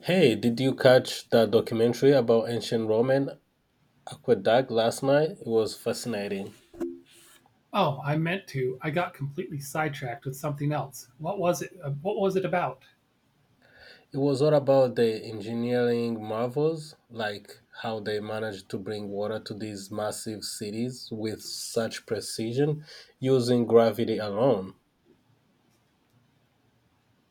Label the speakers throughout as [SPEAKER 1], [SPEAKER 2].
[SPEAKER 1] Hey, did you catch that documentary about ancient Roman aqueduct last night? It was fascinating.
[SPEAKER 2] Oh, I meant to. I got completely sidetracked with something else. What was it? What was it about?
[SPEAKER 1] It was all about the engineering marvels, like how they managed to bring water to these massive cities with such precision using gravity alone.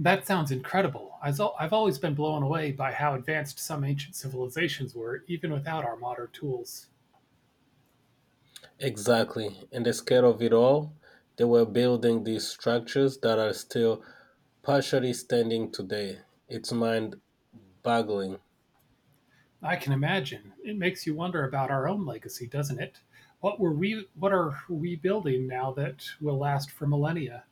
[SPEAKER 2] That sounds incredible. I've always been blown away by how advanced some ancient civilizations were, even without our modern tools.
[SPEAKER 1] Exactly. And the scale of it all, they were building these structures that are still partially standing today. It's mind boggling.
[SPEAKER 2] I can imagine. It makes you wonder about our own legacy, doesn't it? What were we? What are we building now that will last for millennia?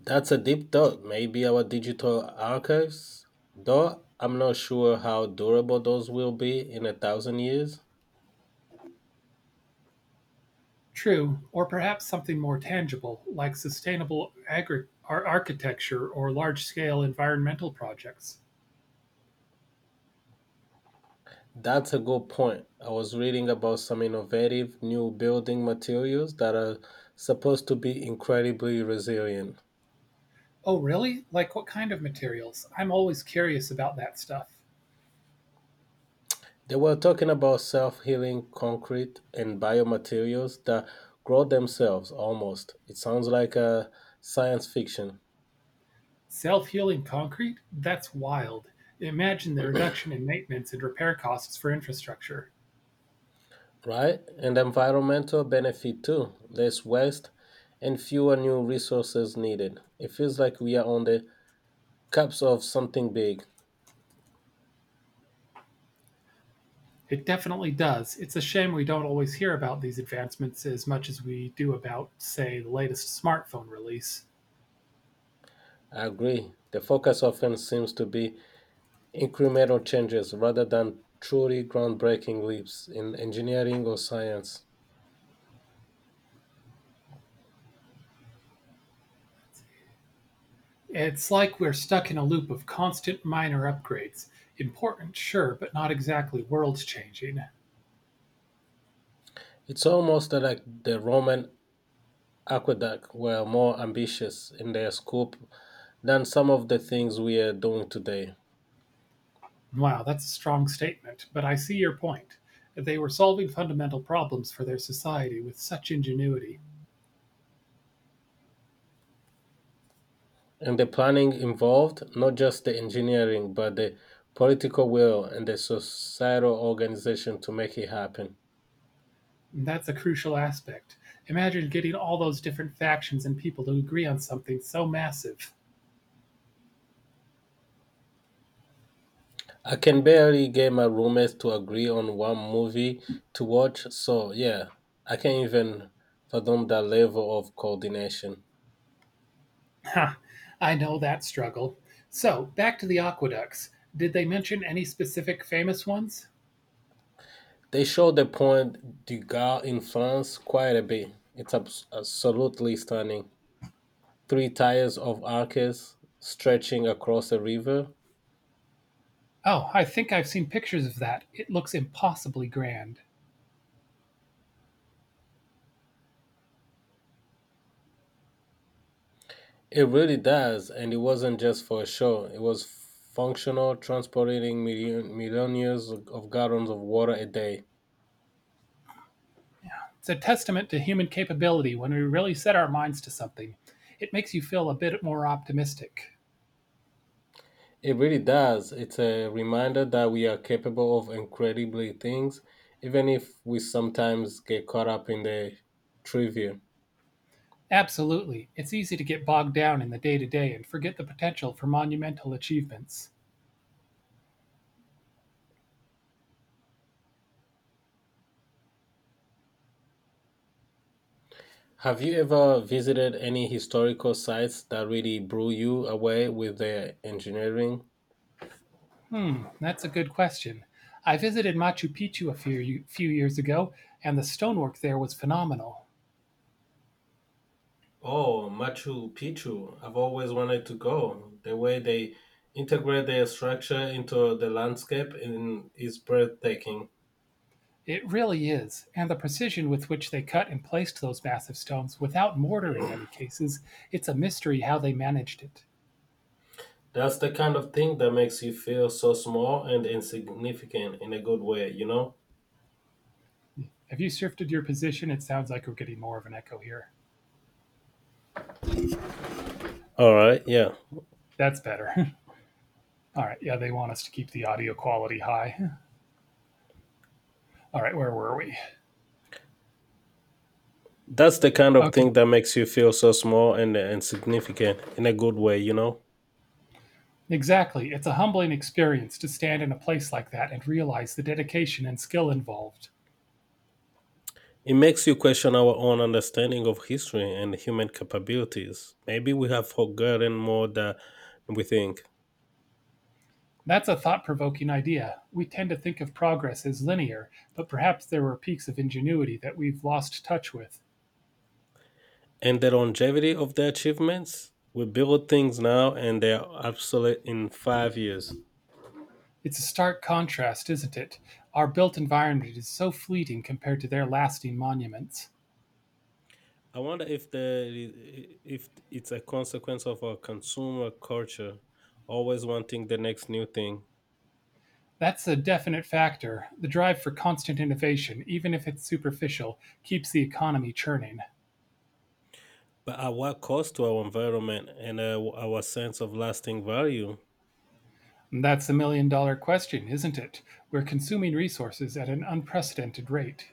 [SPEAKER 1] That's a deep thought. Maybe our digital archives, though I'm not sure how durable those will be in 1,000 years.
[SPEAKER 2] True, or perhaps something more tangible, like sustainable architecture or large-scale environmental projects.
[SPEAKER 1] That's a good point. I was reading about some innovative new building materials that are supposed to be incredibly resilient.
[SPEAKER 2] Oh, really? Like what kind of materials? I'm always curious about that stuff.
[SPEAKER 1] They were talking about self healing concrete and biomaterials that grow themselves almost. It sounds like a science fiction.
[SPEAKER 2] Self healing concrete? That's wild. Imagine the reduction in maintenance and repair costs for infrastructure.
[SPEAKER 1] Right? And environmental benefit too, less waste and fewer new resources needed. It feels like we are on the cusp of something big.
[SPEAKER 2] It definitely does. It's a shame we don't always hear about these advancements as much as we do about, say, the latest smartphone release.
[SPEAKER 1] I agree. The focus often seems to be incremental changes rather than truly groundbreaking leaps in engineering or science.
[SPEAKER 2] It's like we're stuck in a loop of constant minor upgrades. Important, sure, but not exactly world changing.
[SPEAKER 1] It's almost like the Roman aqueduct were more ambitious in their scope than some of the things we are doing today.
[SPEAKER 2] Wow, that's a strong statement, but I see your point. They were solving fundamental problems for their society with such ingenuity.
[SPEAKER 1] And the planning involved not just the engineering, but the political will and the societal organization to make it happen.
[SPEAKER 2] And that's a crucial aspect. Imagine getting all those different factions and people to agree on something so massive.
[SPEAKER 1] I can barely get my roommates to agree on one movie to watch, so yeah, I can't even fathom that level of coordination.
[SPEAKER 2] Ha, I know that struggle. So, back to the aqueducts. Did they mention any specific famous ones?
[SPEAKER 1] They show the Point du Gard in France quite a bit. It's absolutely stunning. Three tiers of arches stretching across a river.
[SPEAKER 2] Oh, I think I've seen pictures of that. It looks impossibly grand.
[SPEAKER 1] It really does, and it wasn't just for show. It was functional, transporting million, millionaires of gallons of water a day.
[SPEAKER 2] It's a testament to human capability when we really set our minds to something. It makes you feel a bit more optimistic.
[SPEAKER 1] It really does. It's a reminder that we are capable of incredibly things, even if we sometimes get caught up in the trivia.
[SPEAKER 2] Absolutely. It's easy to get bogged down in the day to day and forget the potential for monumental achievements.
[SPEAKER 1] Have you ever visited any historical sites that really blew you away with their engineering?
[SPEAKER 2] Hmm, that's a good question. I visited Machu Picchu a few years ago, and the stonework there was phenomenal.
[SPEAKER 1] Oh, Machu Picchu. I've always wanted to go. The way they integrate their structure into the landscape in, is breathtaking.
[SPEAKER 2] It really is, and the precision with which they cut and placed those massive stones without mortar in many cases, it's a mystery how they managed it.
[SPEAKER 1] That's the kind of thing that makes you feel so small and insignificant in a good way, you know?
[SPEAKER 2] Have you shifted your position? It sounds like we're getting more of an echo here.
[SPEAKER 1] All right, yeah.
[SPEAKER 2] That's better. All right. Yeah, they want us to keep the audio quality high. All right, where were we?
[SPEAKER 1] That's the kind of
[SPEAKER 2] Okay.
[SPEAKER 1] thing that makes you feel so small and insignificant in a good way, you know?
[SPEAKER 2] Exactly. It's a humbling experience to stand in a place like that and realize the dedication and skill involved.
[SPEAKER 1] It makes you question our own understanding of history and human capabilities. Maybe we have forgotten more than we think.
[SPEAKER 2] That's a thought provoking idea. We tend to think of progress as linear, but perhaps there were peaks of ingenuity that we've lost touch with.
[SPEAKER 1] And the longevity of their achievements. We build things now and they're obsolete in 5 years.
[SPEAKER 2] It's a stark contrast, isn't it? Our built environment is so fleeting compared to their lasting monuments.
[SPEAKER 1] I wonder if the if it's a consequence of our consumer culture, always wanting the next new thing.
[SPEAKER 2] That's a definite factor. The drive for constant innovation, even if it's superficial, keeps the economy churning.
[SPEAKER 1] But at what cost to our environment and our sense of lasting value?
[SPEAKER 2] And that's the million dollar question, isn't it? We're consuming resources at an unprecedented rate.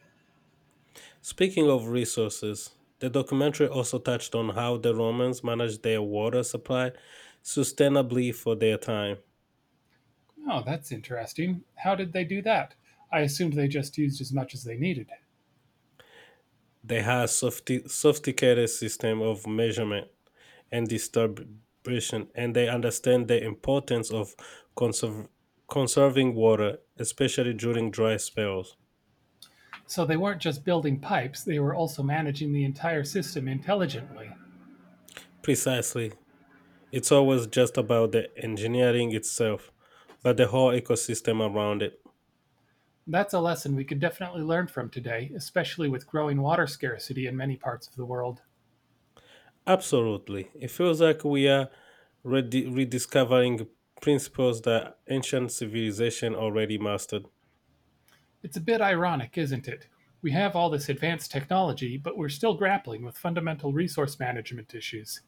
[SPEAKER 1] Speaking of resources, the documentary also touched on how the Romans managed their water supply sustainably for their time.
[SPEAKER 2] Oh, that's interesting. How did they do that? I assumed they just used as much as they needed.
[SPEAKER 1] They have sophisticated system of measurement and distribution, and they understand the importance of conserv- conserving water, especially during dry spells.
[SPEAKER 2] So they weren't just building pipes, they were also managing the entire system intelligently.
[SPEAKER 1] Precisely. It's always just about the engineering itself, but the whole ecosystem around it.
[SPEAKER 2] That's a lesson we could definitely learn from today, especially with growing water scarcity in many parts of the world.
[SPEAKER 1] Absolutely. It feels like we are rediscovering principles that ancient civilization already mastered.
[SPEAKER 2] It's a bit ironic, isn't it? We have all this advanced technology, but we're still grappling with fundamental resource management issues.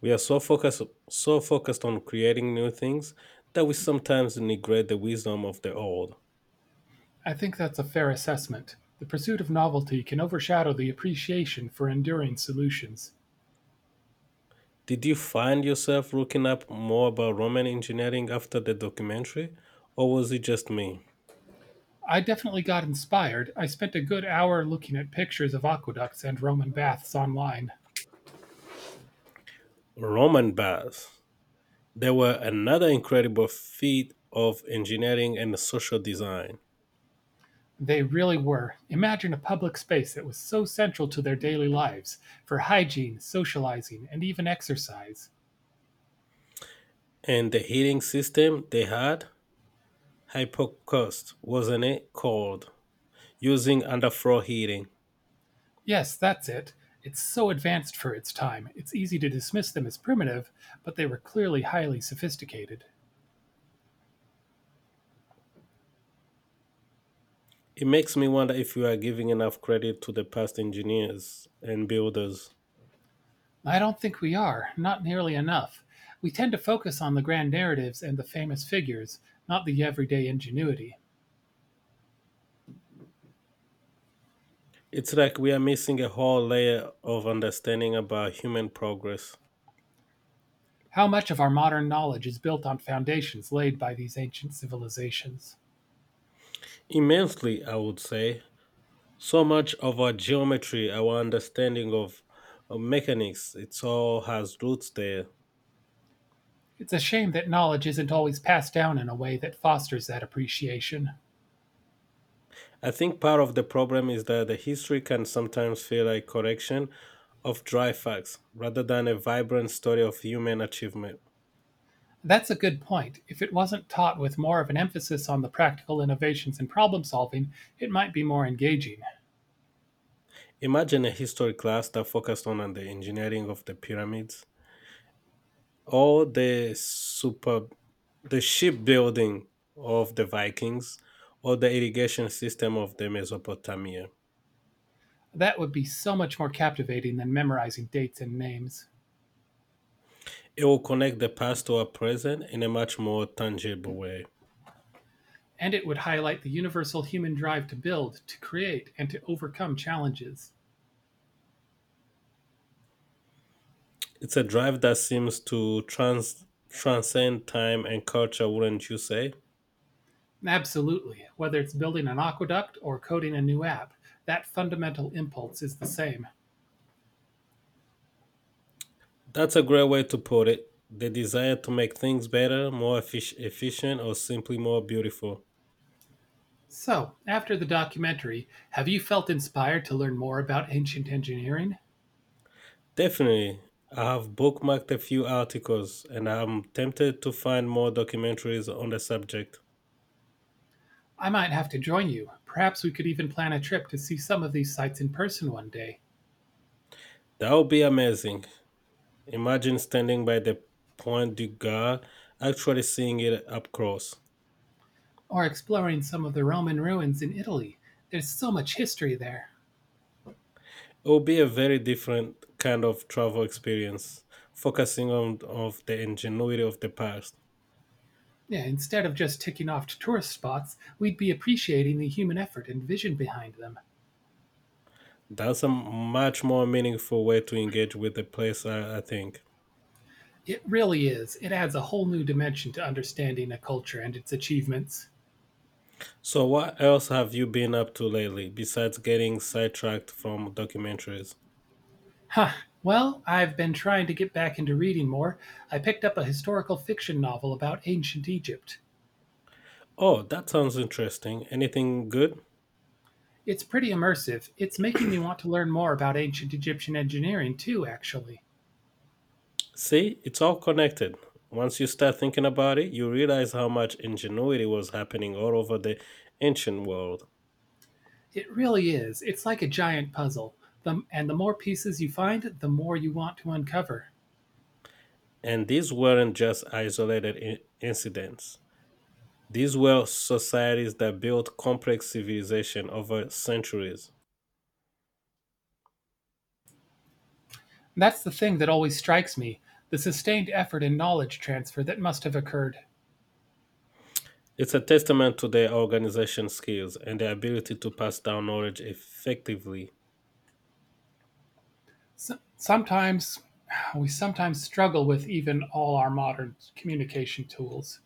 [SPEAKER 1] We are so focused on creating new things that we sometimes neglect the wisdom of the old.
[SPEAKER 2] I think that's a fair assessment. The pursuit of novelty can overshadow the appreciation for enduring solutions.
[SPEAKER 1] Did you find yourself looking up more about Roman engineering after the documentary, or was it just me?
[SPEAKER 2] I definitely got inspired. I spent a good hour looking at pictures of aqueducts and Roman baths online.
[SPEAKER 1] Roman baths. They were another incredible feat of engineering and social design.
[SPEAKER 2] They really were. Imagine a public space that was so central to their daily lives for hygiene, socializing, and even exercise.
[SPEAKER 1] And the heating system they had, Hypocaust, wasn't it called? Using underfloor heating.
[SPEAKER 2] Yes, that's it. It's so advanced for its time, it's easy to dismiss them as primitive, but they were clearly highly sophisticated.
[SPEAKER 1] It makes me wonder if we are giving enough credit to the past engineers and builders.
[SPEAKER 2] I don't think we are, not nearly enough. We tend to focus on the grand narratives and the famous figures, not the everyday ingenuity.
[SPEAKER 1] It's like we are missing a whole layer of understanding about human progress.
[SPEAKER 2] How much of our modern knowledge is built on foundations laid by these ancient civilizations?
[SPEAKER 1] Immensely, I would say. So much of our geometry, our understanding of mechanics, it all has roots there.
[SPEAKER 2] It's a shame that knowledge isn't always passed down in a way that fosters that appreciation.
[SPEAKER 1] I think part of the problem is that the history can sometimes feel like correction of dry facts rather than a vibrant story of human achievement.
[SPEAKER 2] That's a good point. If it wasn't taught with more of an emphasis on the practical innovations in problem solving, it might be more engaging.
[SPEAKER 1] Imagine a history class that focused on the engineering of the pyramids or the super the shipbuilding of the Vikings or the irrigation system of the Mesopotamia.
[SPEAKER 2] That would be so much more captivating than memorizing dates and names.
[SPEAKER 1] It will connect the past to our present in a much more tangible way.
[SPEAKER 2] And it would highlight the universal human drive to build, to create, and to overcome challenges.
[SPEAKER 1] It's a drive that seems to transcend time and culture, wouldn't you say?
[SPEAKER 2] Absolutely. Whether it's building an aqueduct or coding a new app, that fundamental impulse is the same.
[SPEAKER 1] That's a great way to put it. The desire to make things better, more efficient, or simply more beautiful.
[SPEAKER 2] So, after the documentary, have you felt inspired to learn more about ancient engineering?
[SPEAKER 1] Definitely. I have bookmarked a few articles and I'm tempted to find more documentaries on the subject.
[SPEAKER 2] I might have to join you. Perhaps we could even plan a trip to see some of these sites in person one day,
[SPEAKER 1] That would be amazing. Imagine standing by the Point du Gard, actually seeing it up close.
[SPEAKER 2] or exploring some of the Roman ruins in Italy. There's so much history there.
[SPEAKER 1] It would be a very different kind of travel experience, focusing on of the ingenuity of the past.
[SPEAKER 2] Yeah, instead of just ticking off tourist spots, we'd be appreciating the human effort and vision behind them.
[SPEAKER 1] That's a much more meaningful way to engage with the place, I think.
[SPEAKER 2] It really is. It adds a whole new dimension to understanding a culture and its achievements.
[SPEAKER 1] So, what else have you been up to lately besides getting sidetracked from documentaries?
[SPEAKER 2] Huh. Well, I've been trying to get back into reading more. I picked up a historical fiction novel about ancient Egypt.
[SPEAKER 1] Oh, that sounds interesting. Anything good?
[SPEAKER 2] It's pretty immersive. It's making me want to learn more about ancient Egyptian engineering too, actually.
[SPEAKER 1] See, it's all connected. Once you start thinking about it, you realize how much ingenuity was happening all over the ancient world.
[SPEAKER 2] It really is. It's like a giant puzzle. And the more pieces you find, the more you want to uncover.
[SPEAKER 1] And these weren't just isolated incidents. These were societies that built complex civilization over centuries.
[SPEAKER 2] That's the thing that always strikes me the sustained effort and knowledge transfer that must have occurred.
[SPEAKER 1] It's a testament to their organization skills and their ability to pass down knowledge effectively.
[SPEAKER 2] S sometimes, we sometimes struggle with even all our modern communication tools.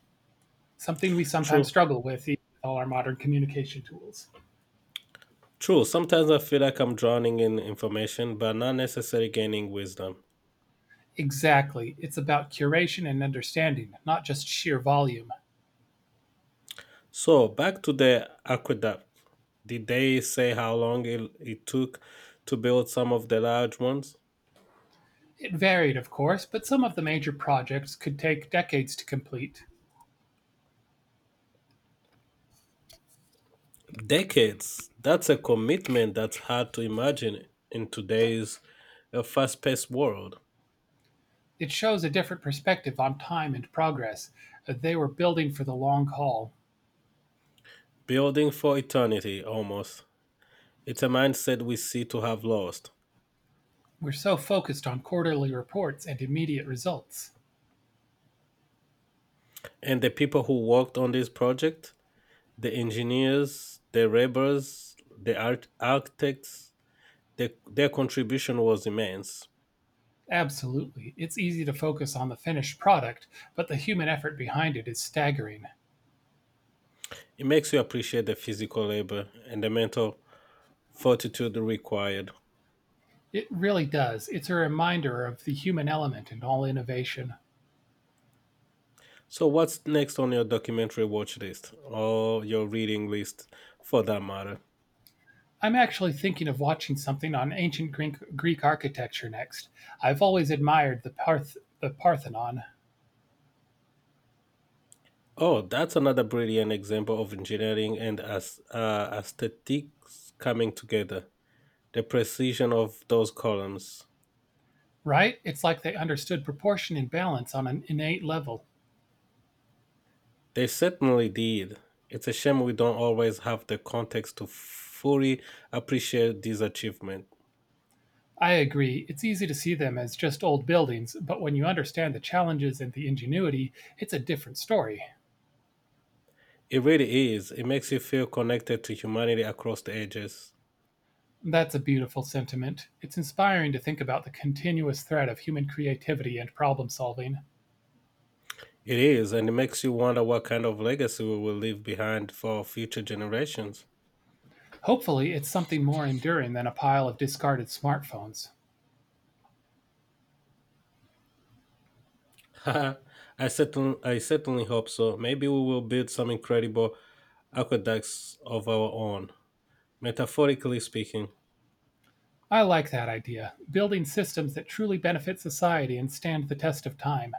[SPEAKER 2] Something we sometimes
[SPEAKER 1] True.
[SPEAKER 2] struggle with, even all our modern communication tools.
[SPEAKER 1] True. Sometimes I feel like I'm drowning in information, but not necessarily gaining wisdom.
[SPEAKER 2] Exactly. It's about curation and understanding, not just sheer volume.
[SPEAKER 1] So back to the aqueduct. Did they say how long it took to build some of the large ones?
[SPEAKER 2] It varied, of course, but some of the major projects could take decades to complete.
[SPEAKER 1] Decades. That's a commitment that's hard to imagine in today's fast-paced world.
[SPEAKER 2] It shows a different perspective on time and progress. They were building for the long haul.
[SPEAKER 1] Building for eternity, almost. It's a mindset we see to have lost.
[SPEAKER 2] We're so focused on quarterly reports and immediate results.
[SPEAKER 1] And the people who worked on this project, the engineers, the laborers, the architects, the, their contribution was immense.
[SPEAKER 2] Absolutely. It's easy to focus on the finished product, but the human effort behind it is staggering.
[SPEAKER 1] It makes you appreciate the physical labor and the mental fortitude required.
[SPEAKER 2] It really does. It's a reminder of the human element in all innovation.
[SPEAKER 1] So, what's next on your documentary watch list or your reading list for that matter?
[SPEAKER 2] I'm actually thinking of watching something on ancient Greek architecture next. I've always admired the Parthenon,
[SPEAKER 1] Oh, that's another brilliant example of engineering and aesthetics coming together. The precision of those columns.
[SPEAKER 2] right? It's like they understood proportion and balance on an innate level.
[SPEAKER 1] They certainly did. It's a shame we don't always have the context to fully appreciate these achievements.
[SPEAKER 2] I agree. It's easy to see them as just old buildings, but when you understand the challenges and the ingenuity, it's a different story.
[SPEAKER 1] It really is. It makes you feel connected to humanity across the ages.
[SPEAKER 2] That's a beautiful sentiment. It's inspiring to think about the continuous thread of human creativity and problem solving.
[SPEAKER 1] It is, and it makes you wonder what kind of legacy we will leave behind for future generations.
[SPEAKER 2] Hopefully, it's something more enduring than a pile of discarded smartphones.
[SPEAKER 1] I certainly hope so. Maybe we will build some incredible aqueducts of our own, metaphorically speaking.
[SPEAKER 2] I like that idea. Building systems that truly benefit society and stand the test of time.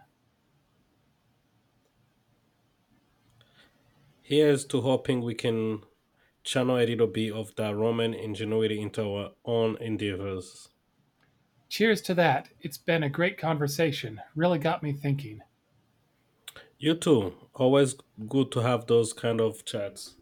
[SPEAKER 1] Here's to hoping we can channel a little bit of that Roman ingenuity into our own endeavors.
[SPEAKER 2] Cheers to that. It's been a great conversation. Really got me thinking.
[SPEAKER 1] You too. Always good to have those kind of chats.